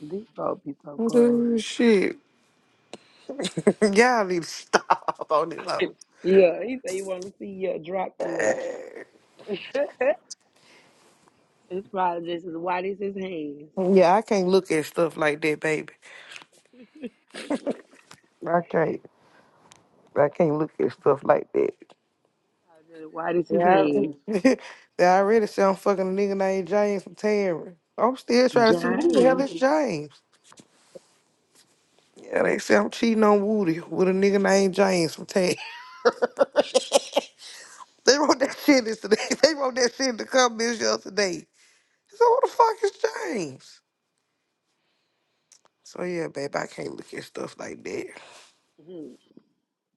Speaker 2: These folks be so crazy.
Speaker 3: Dude, shit. Y'all need to stop on this. hoe.
Speaker 2: Yeah, he said he want to see you drop the link. it's probably just as white as his hands.
Speaker 3: Yeah, I can't look at stuff like that, baby. I can't. I can't look at stuff like that.
Speaker 2: Probably just as white as his hands.
Speaker 3: they already said I'm fucking a nigga named James from Terry. I'm still trying to see who the hell
Speaker 2: James,
Speaker 3: is James. Yeah, they say I'm cheating on Woody with a nigga named James from Terry. They wrote that shit yesterday. They wrote that shit in the comments yesterday. So who the fuck is James? So yeah, babe, I can't look at stuff like that.
Speaker 2: mhm.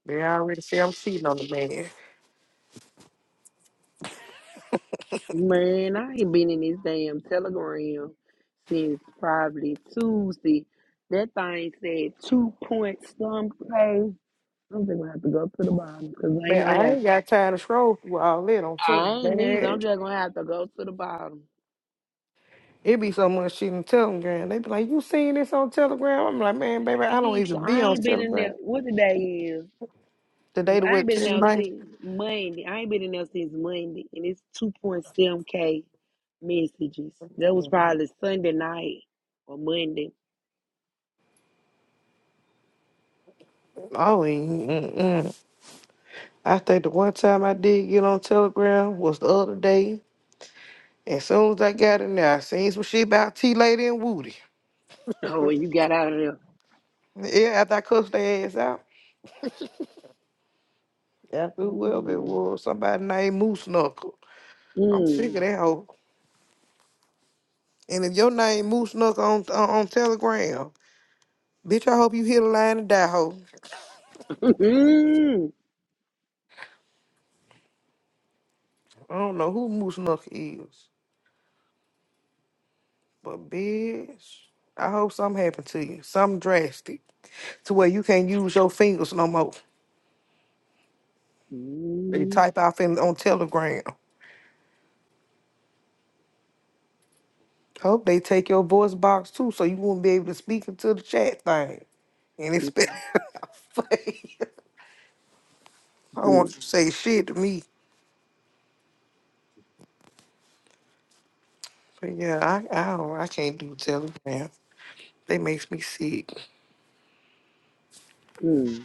Speaker 3: Man, I already see I'm cheating on the man.
Speaker 2: man, I ain't been in this damn telegram since probably Tuesday. That thing said two point some pay. I'm just gonna have to go to the bottom because ain't
Speaker 3: Man,
Speaker 2: no
Speaker 3: I
Speaker 2: way.
Speaker 3: ain't got time to scroll through all that on
Speaker 2: I
Speaker 3: Telegram.
Speaker 2: ain't either.
Speaker 3: Man.
Speaker 2: I'm just gonna have to go to the bottom.
Speaker 3: It be so much shit on Telegram. They be like, you seen this on Telegram? I'm like, man, baby, I don't
Speaker 2: Listen,
Speaker 3: even
Speaker 2: I
Speaker 3: be on
Speaker 2: ain't been in
Speaker 3: Telegram.
Speaker 2: there. What the day is?
Speaker 3: The day to
Speaker 2: I ain't
Speaker 3: what
Speaker 2: been in
Speaker 3: ten
Speaker 2: there
Speaker 3: nights?
Speaker 2: since Monday. I ain't been in there since Monday, and it's two point seven k messages. That was probably Sunday night or Monday.
Speaker 3: Oh, mm-mm. I think the one time I did get on Telegram was the other day. As soon as I got in there, I seen some shit about T Lady and Woody.
Speaker 2: Oh, when you got out of there.
Speaker 3: Yeah, after I cussed their ass out. After whoever it
Speaker 2: Mm,
Speaker 3: was, somebody named Moose Knuckle. I'm sick
Speaker 2: mm,
Speaker 3: of that hoe. And if your name Moose Knuckle on, on on Telegram, bitch, I hope you hit a line and die hoe.
Speaker 2: mm,
Speaker 3: I don't know who Moose Knuckle is, but bitch, I hope something happened to you, something drastic, to where you can't use your fingers no more. They
Speaker 2: mm,
Speaker 3: type out in, on Telegram. Hope they take your voice box too, so you won't be able to speak into the chat thing. And it's I don't
Speaker 2: mm,
Speaker 3: want you to say shit to me. But yeah, I I don't, I can't do Telegram. They makes me sick.
Speaker 2: mm.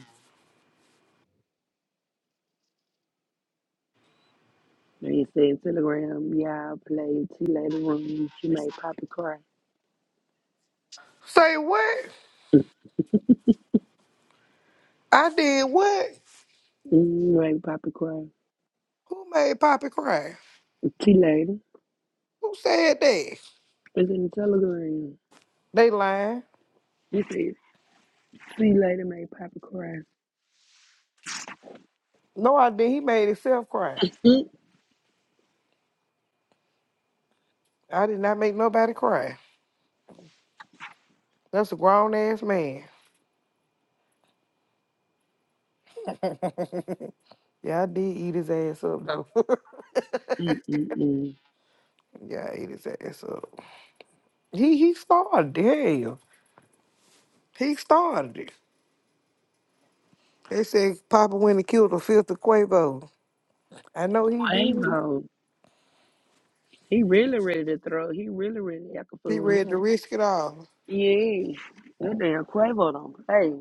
Speaker 2: They said Telegram, y'all play T Lady Room. She made Poppy cry.
Speaker 3: Say what? I did what?
Speaker 2: Mm, made Poppy cry.
Speaker 3: Who made Poppy cry?
Speaker 2: T Lady.
Speaker 3: Who said that?
Speaker 2: It's in the Telegram.
Speaker 3: They lying.
Speaker 2: He said See you later, made Papa cry.
Speaker 3: No, I did. He made himself cry. I did not make nobody cry. That's a grown ass man. Yeah, I did eat his ass up though.
Speaker 2: Mm-mm-mm-mm.
Speaker 3: yeah, I ate his ass up. He he started. it. Hell, he started it. They said Papa went and killed a fifth of Quavo. I know he did.
Speaker 2: Quavo. He really ready to throw. He really ready to act a
Speaker 3: He
Speaker 2: fool
Speaker 3: read
Speaker 2: now.
Speaker 3: the risk it all.
Speaker 2: Yeah. That damn Quavo don't play.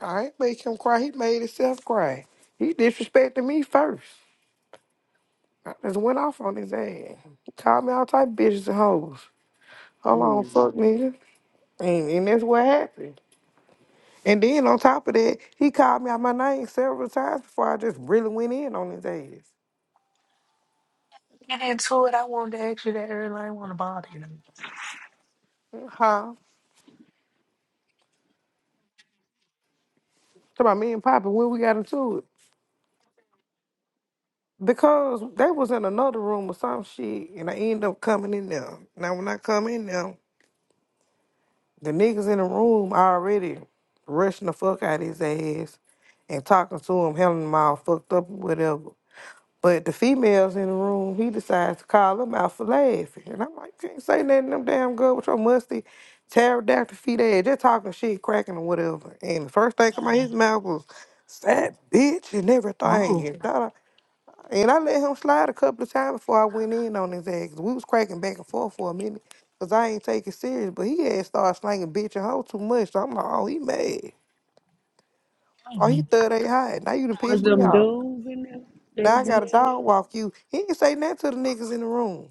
Speaker 3: I ain't make him cry. He made himself cry. He disrespected me first. I just went off on his ass. He called me all type of bitches and hoes. Hold on,
Speaker 2: Mm.
Speaker 3: fuck nigga. And, and that's what happened. And then on top of that, he called me out my name several times before I just really went in on his ass.
Speaker 1: Get into it. I wanted to ask you that earlier. I want to bother you.
Speaker 3: Huh? Talk about me and Papa when we got into it. Because they was in another room or some shit, and I ended up coming in there. Now when I come in there. The niggas in the room already rushing the fuck out his ass and talking to him, having him all fucked up or whatever. But the females in the room, he decides to call them out for laughing. And I'm like, can't say nothing to them damn girl with your musty pterodactyl feet ass. They're talking shit, cracking or whatever. And the first thing come out
Speaker 1: Um,
Speaker 3: his mouth was, fat bitch and everything.
Speaker 1: oh,
Speaker 3: And da and I let him slide a couple of times before I went in on his ass. We was cracking back and forth for a minute because I ain't take it serious. But he had started slanging bitch and hoe too much. So I'm like, oh, he mad. Oh, he
Speaker 1: mm,
Speaker 3: third ain't high. Now you done
Speaker 2: Was
Speaker 3: pissed me
Speaker 2: them
Speaker 3: off.
Speaker 2: dudes in there? They
Speaker 3: Now I
Speaker 2: be
Speaker 3: got a
Speaker 2: in
Speaker 3: dog walk you. He ain't say nothing to the niggas in the room.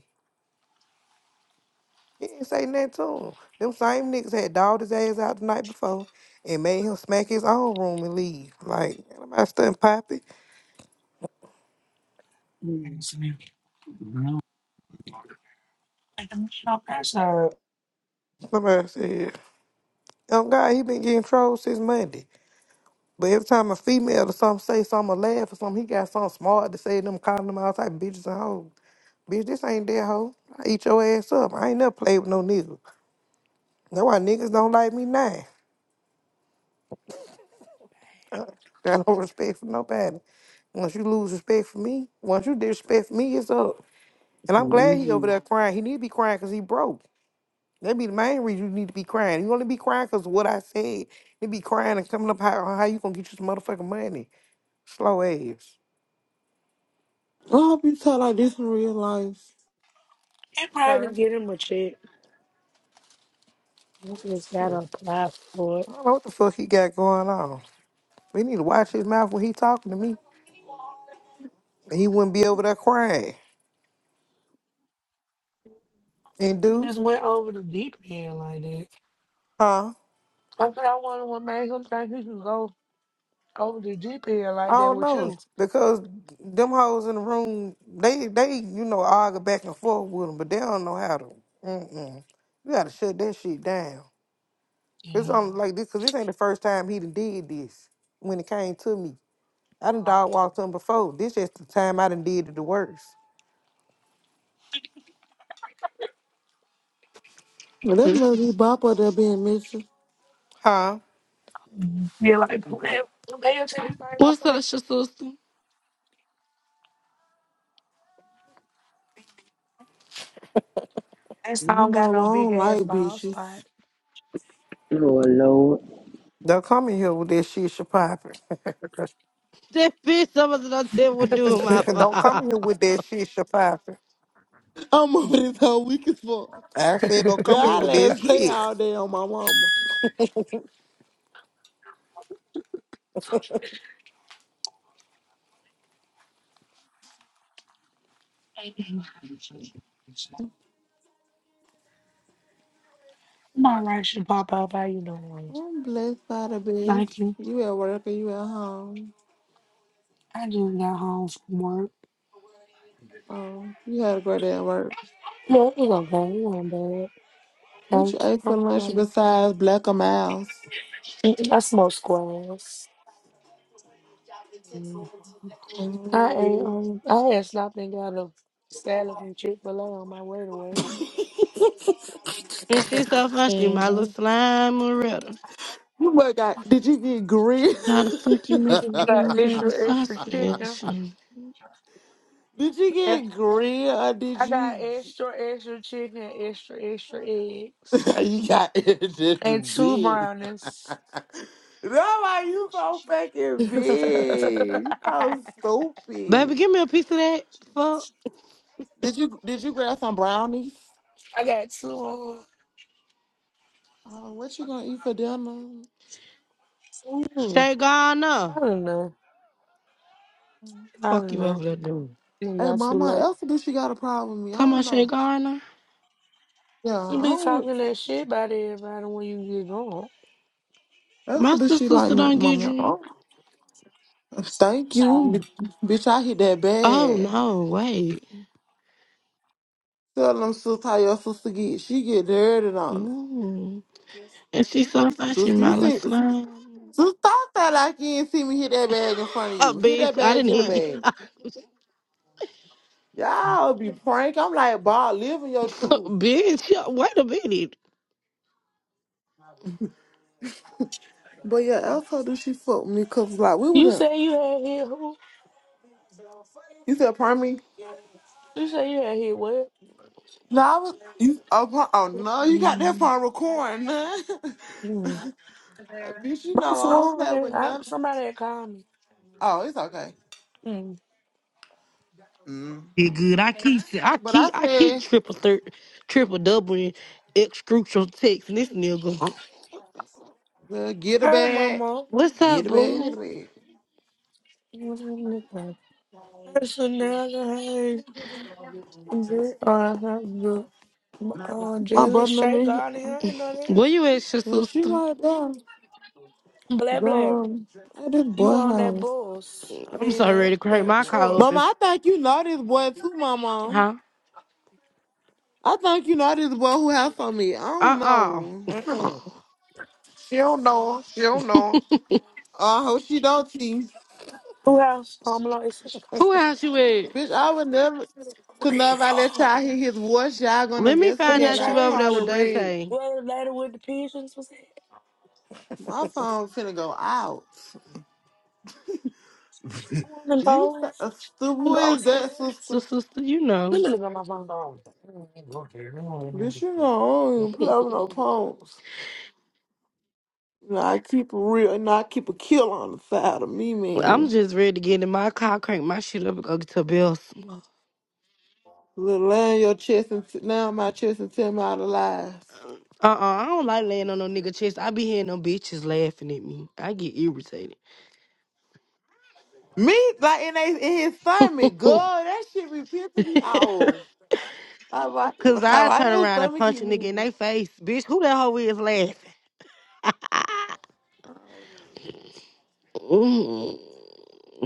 Speaker 3: He ain't say nothing to 'em. Them same niggas had dogged his ass out the night before and made him smack his own room and leave. Like, somebody stunned Poppy.
Speaker 2: there? Mm.
Speaker 1: that's me. No. I don't know, that's a.
Speaker 3: Somebody said, oh, God, he been getting trolled since Monday. But every time a female or something say something or laugh or something, he got something smart to say to them, calling them all type of bitches and hoes. Bitch, this ain't that hoe. I eat your ass up. I ain't never played with no nigga. That's why niggas don't like me now. Got no respect for nobody. Once you lose respect for me, once you disrespect me, it's up. And I'm glad he over there
Speaker 2: Mm-hmm.
Speaker 3: crying. He need to be crying because he broke. That be the main reason you need to be crying. You only be crying because of what I said. You be crying and coming up how, how you gonna get your motherfucking money. Slow ass.
Speaker 6: I hope you talk like this in real life.
Speaker 1: It probably could get
Speaker 3: Huh?
Speaker 1: him a check. You just gotta apply for it.
Speaker 3: I don't know what the fuck he got going on. We need to watch his mouth when he talking to me. And he wouldn't be over there crying. And
Speaker 1: He
Speaker 3: dude,
Speaker 1: just went over the deep end like that.
Speaker 3: huh?
Speaker 1: That's what I wonder what made him think he could go over the deep end
Speaker 3: I
Speaker 1: like that
Speaker 3: don't
Speaker 1: with
Speaker 3: know.
Speaker 1: you.
Speaker 3: Because them hoes in the room, they they, you know, argue back and forth with him, but they don't know how to mm-mm. You gotta shut that shit down. It's
Speaker 1: Yeah.
Speaker 3: only like this cause this ain't the first time he done did this when it came to me. I done dog walked him before. This just the time I done did it the worst.
Speaker 6: Well, That must be Bop up there being missing.
Speaker 3: Huh?
Speaker 1: Feel like playing playing take this thing off
Speaker 7: What's
Speaker 1: of me.
Speaker 7: up, sh- sister?
Speaker 1: And so I
Speaker 6: You
Speaker 1: don't got
Speaker 6: know,
Speaker 1: no
Speaker 6: I
Speaker 1: big
Speaker 6: don't
Speaker 1: ass
Speaker 6: like
Speaker 1: bald
Speaker 6: bitches.
Speaker 1: spot.
Speaker 2: Lord, Lord.
Speaker 3: They'll come in here with that shit, Shapiro.
Speaker 7: That bitch, somebody done said what do with my
Speaker 3: don't
Speaker 7: father.
Speaker 3: come here with that shit, Shafasha.
Speaker 6: I'm over this whole week as fuck.
Speaker 3: I said, don't come here
Speaker 6: Y'all
Speaker 3: with that
Speaker 6: ass stay
Speaker 3: shit.
Speaker 6: all day on my mama.
Speaker 1: Mm. I'm all right, should pop up. How you doing?
Speaker 6: I'm blessed by the best.
Speaker 1: Thank you.
Speaker 6: You at work or you at home?
Speaker 1: I just got home from work.
Speaker 6: Um, you had a great day at work.
Speaker 1: No, it was okay. It wasn't bad.
Speaker 6: What you
Speaker 1: Thank
Speaker 6: ate for lunch
Speaker 1: you.
Speaker 6: besides black or mouse?
Speaker 1: i I smoked squares. Mm. I ate,
Speaker 6: Mm.
Speaker 1: um, I had stopped and got a salad from Chick fil A on my way to work.
Speaker 7: And she so fine, she my little
Speaker 1: hmm
Speaker 7: slime Loretta.
Speaker 6: You must got, did you get grilled?
Speaker 7: How the fuck you make it
Speaker 1: I got
Speaker 7: damn baby
Speaker 1: extra,
Speaker 7: so
Speaker 1: extra chicken.
Speaker 7: special?
Speaker 6: did you
Speaker 1: If
Speaker 6: get grilled or did
Speaker 1: I got
Speaker 6: you?
Speaker 1: extra, extra chicken, extra, extra eggs.
Speaker 6: you got this
Speaker 1: And two
Speaker 6: big.
Speaker 1: brownies.
Speaker 6: Nobody, you so fucking
Speaker 1: I
Speaker 6: big. You so
Speaker 7: Baby,
Speaker 6: stupid.
Speaker 7: give me a piece of that. Fuck.
Speaker 6: Did you did you grab some brownies?
Speaker 1: got two on.
Speaker 6: Uh, what you gonna eat for dinner?
Speaker 1: Mm,
Speaker 7: Shay Garner.
Speaker 1: I don't know. I
Speaker 7: Fuck
Speaker 1: don't
Speaker 7: you
Speaker 1: know.
Speaker 7: over there doing.
Speaker 1: You
Speaker 6: Hey,
Speaker 1: got too
Speaker 6: Mama,
Speaker 1: late.
Speaker 6: Elsa, do she got a problem with me? I
Speaker 7: Talking
Speaker 6: don't
Speaker 7: about Shay
Speaker 6: know.
Speaker 7: Garner?
Speaker 6: Yeah,
Speaker 1: You
Speaker 6: I
Speaker 1: be
Speaker 6: don't.
Speaker 1: talking that shit about everybody when you get drunk.
Speaker 6: Elsa,
Speaker 7: My
Speaker 6: do
Speaker 7: sister
Speaker 6: she like
Speaker 7: sister
Speaker 6: me,
Speaker 7: don't get
Speaker 6: Mama? I
Speaker 7: drunk.
Speaker 6: don't- Thank you,
Speaker 1: Um,
Speaker 6: bi- bitch. I hit that
Speaker 7: Oh,
Speaker 6: bad.
Speaker 7: no, wait.
Speaker 6: Tell them sister how your sister get. She get dirty on
Speaker 7: Ooh, And she so fine, she
Speaker 6: it. Sister, you
Speaker 7: my little
Speaker 6: see?
Speaker 7: slime.
Speaker 6: Just thought that like you didn't see me hit that bag in front of
Speaker 7: Oh,
Speaker 6: you. Hit that
Speaker 7: bitch, I
Speaker 6: bag,
Speaker 7: didn't
Speaker 6: get
Speaker 7: hear
Speaker 6: a
Speaker 7: you.
Speaker 6: bag. Y'all be prank. I'm like, Bob, living your truth.
Speaker 7: bitch, wait a
Speaker 6: But yeah, else how do she fuck with me? Cause like we was
Speaker 1: you
Speaker 6: in.
Speaker 1: say you had hit who?
Speaker 6: You said pardon me?
Speaker 1: You say you had hit what?
Speaker 6: No, I was. You oh, par- oh no, you got that
Speaker 7: minute.
Speaker 6: phone recording, huh?
Speaker 1: Mm.
Speaker 6: Bitch, you
Speaker 1: My
Speaker 6: know I don't
Speaker 1: phone.
Speaker 6: play with
Speaker 1: I,
Speaker 6: nothing.
Speaker 1: somebody had called me.
Speaker 6: Oh, it's okay.
Speaker 1: Mm.
Speaker 6: hmm
Speaker 7: Did good. I keep, I
Speaker 6: But I
Speaker 7: keep, I keep
Speaker 6: said,
Speaker 7: triple, thir- triple doubling, excrucial text. And this nigga,
Speaker 6: well, get a
Speaker 1: Hey,
Speaker 6: bag,
Speaker 1: mama.
Speaker 7: what's up,
Speaker 6: get a bag, get a
Speaker 7: boo?
Speaker 6: bag.
Speaker 1: Personality. Hey. Uh, uh,
Speaker 6: My
Speaker 1: jealous
Speaker 6: brother, I
Speaker 1: shake.
Speaker 6: mean,
Speaker 1: God, I Ain't know that.
Speaker 7: Where you at, your
Speaker 6: yeah,
Speaker 7: sister?
Speaker 6: she right there.
Speaker 1: Blair Blair,
Speaker 6: Gone at this
Speaker 1: you
Speaker 6: boy
Speaker 1: on that
Speaker 6: house.
Speaker 1: Bulls. I
Speaker 7: I'm
Speaker 1: mean
Speaker 7: so
Speaker 1: that
Speaker 7: ready to crank
Speaker 1: that
Speaker 7: my car
Speaker 1: truck.
Speaker 7: up
Speaker 6: Mama,
Speaker 7: and
Speaker 6: I think you know this boy too, Mama.
Speaker 7: huh?
Speaker 6: I think you know this boy who has on me. I don't
Speaker 7: Uh
Speaker 6: know.
Speaker 7: uh
Speaker 3: Mm-mm. She don't know. She don't know.
Speaker 6: Oh, I hope she don't see.
Speaker 1: Who house Home Alone is in Chicago.
Speaker 7: Who house you at?
Speaker 6: Bitch, I would never. Cause never I let
Speaker 1: Well,
Speaker 6: y'all hear his voice, y'all gonna
Speaker 7: Let me
Speaker 1: In
Speaker 7: find
Speaker 1: the
Speaker 6: investigate
Speaker 7: out
Speaker 6: like
Speaker 7: you over there
Speaker 6: Carla
Speaker 7: with
Speaker 1: church.
Speaker 6: Red.
Speaker 7: Dante.
Speaker 1: Where the lady with the pigeons was at.
Speaker 6: My phone finna go out.
Speaker 1: I want them
Speaker 6: You st-
Speaker 1: boys.
Speaker 6: uh, stu-
Speaker 1: I
Speaker 6: who
Speaker 1: go
Speaker 6: is
Speaker 1: to that.
Speaker 6: that
Speaker 7: So,
Speaker 6: sister?
Speaker 7: sister, you
Speaker 1: Let
Speaker 7: know,
Speaker 1: me look at my phone.
Speaker 6: Bitch, you know I don't even play with no phones. You know, I keep a real, and I keep a kill on the side of me,
Speaker 7: I'm
Speaker 6: man.
Speaker 7: just ready to get in my car, crank my shit up, and go get to bills. Uh
Speaker 6: Look, lay on your chest and sit down my chest and tell me all the lies.
Speaker 7: uh I don't like laying on no nigga chest. I be hearing them bitches laughing at me. I get irritated.
Speaker 6: Me, like in, they, in his stomach, God, that shit be pissing me off. I Like, why,
Speaker 7: Cause I
Speaker 6: why
Speaker 7: turn
Speaker 6: your
Speaker 7: around and
Speaker 6: stomach
Speaker 7: punch
Speaker 6: keep
Speaker 7: a nigga in
Speaker 6: moving?
Speaker 7: they face. Bitch, who that hoe is laughing? Ah, mm,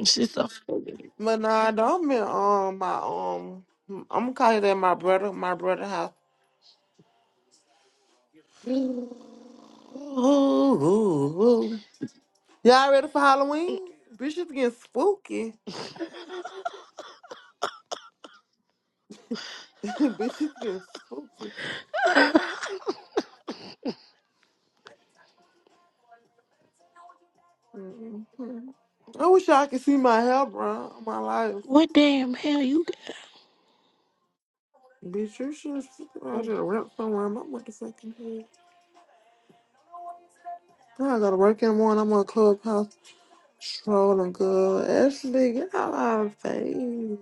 Speaker 7: she's so.
Speaker 6: But nah, don't be um my um. I'm gonna call it at my brother, my brother house. Ooh, ooh, ooh. Y'all ready for Halloween? Bitches getting spooky. Bitches getting spooky. Mhm. I wish y'all could see my hair, bro. My life.
Speaker 7: what damn hell you got?
Speaker 6: Bitch, you should have seen I should have wrapped somewhere in my motherfucking head. Now I gotta work in the morning. I'm on clubhouse. Strolling good. Ashley, get out of my face.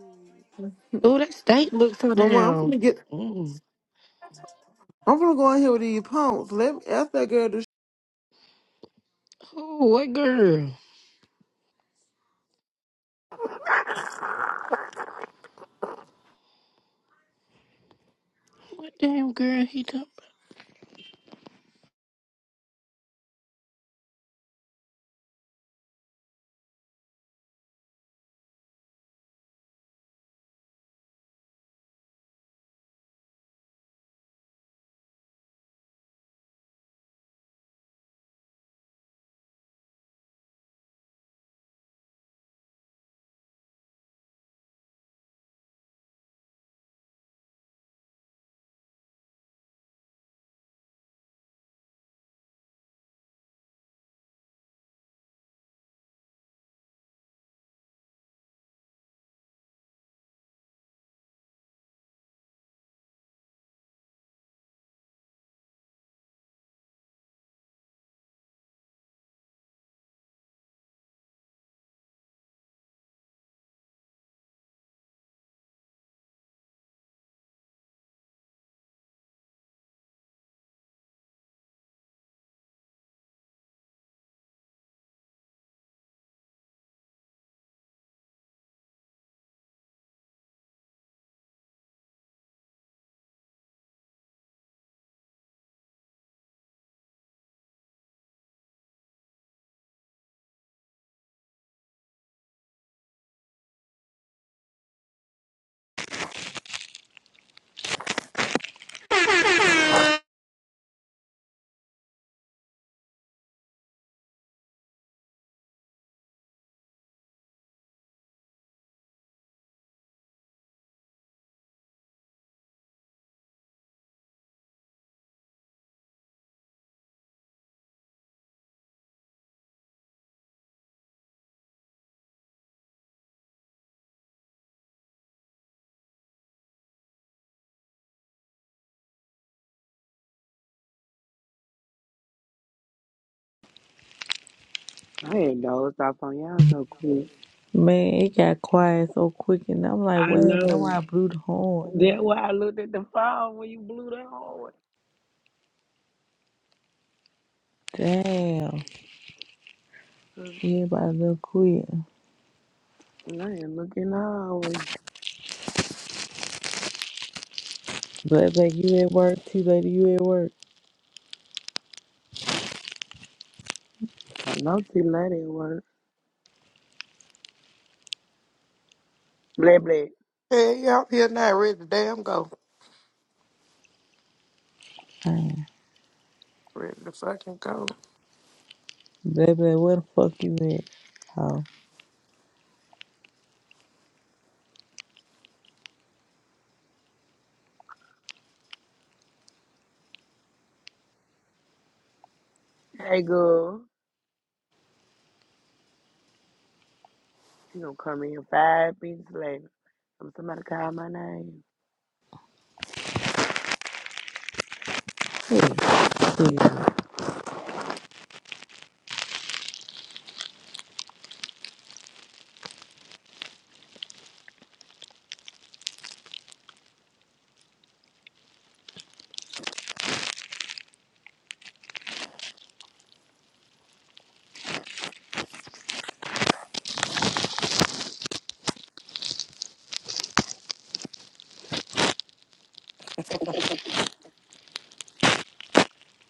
Speaker 7: Oh, that steak looks so
Speaker 6: Mama, I'm
Speaker 7: damn.
Speaker 6: gonna get
Speaker 7: Mm.
Speaker 6: I'm gonna go in here with these punks. Let me ask that girl
Speaker 7: Oh, what girl? What damn girl he talking
Speaker 2: I ain't dozed off on y'all so quick.
Speaker 8: Man, it got quiet so quick, and I'm like,
Speaker 2: I
Speaker 8: what happened? That's why
Speaker 2: know.
Speaker 8: I blew the horn.
Speaker 2: That's why I looked at the phone when you blew the hallway.
Speaker 8: Damn,
Speaker 2: Cause
Speaker 8: everybody look quick.
Speaker 2: I ain't looking the hallway.
Speaker 8: Black Black, you at work? T Lady, you at work?
Speaker 2: I know see lady at work. Blah, blah.
Speaker 3: Hey, y'all here now, ready to damn go.
Speaker 8: Damn.
Speaker 3: Ready to fucking go.
Speaker 8: Black Black, where the fuck you at? Oh,
Speaker 2: Hey, girl. She gonna come in five minutes later. I'm somebody call my name.
Speaker 8: yeah,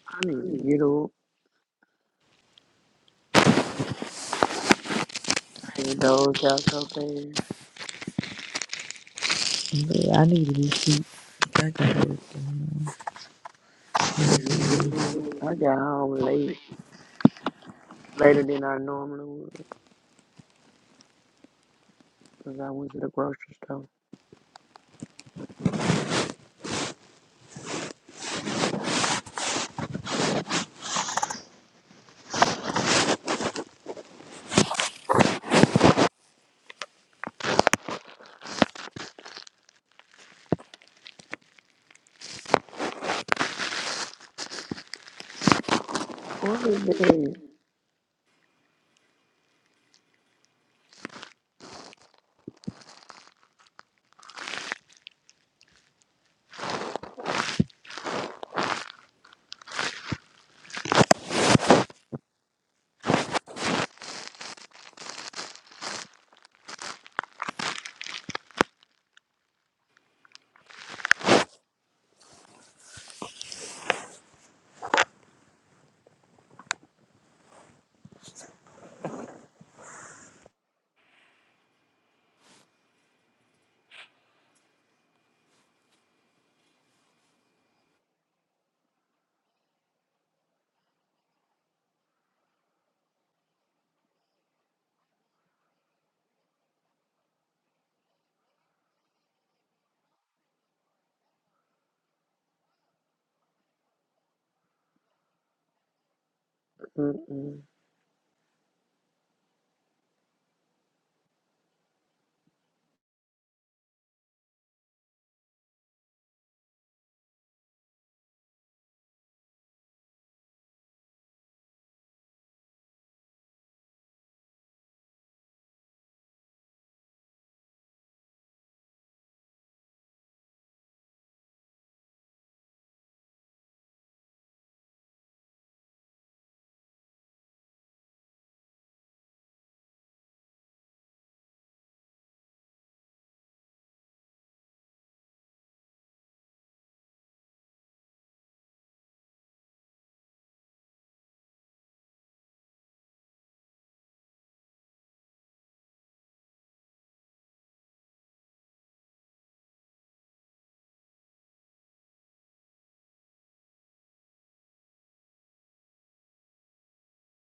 Speaker 2: I need to get up. I had dozed out so fast.
Speaker 8: yeah. I need to be sleep. I got work.
Speaker 2: Me too. I got home late, later than I normally would, cause I went to the grocery store. What is that? Mm-mm.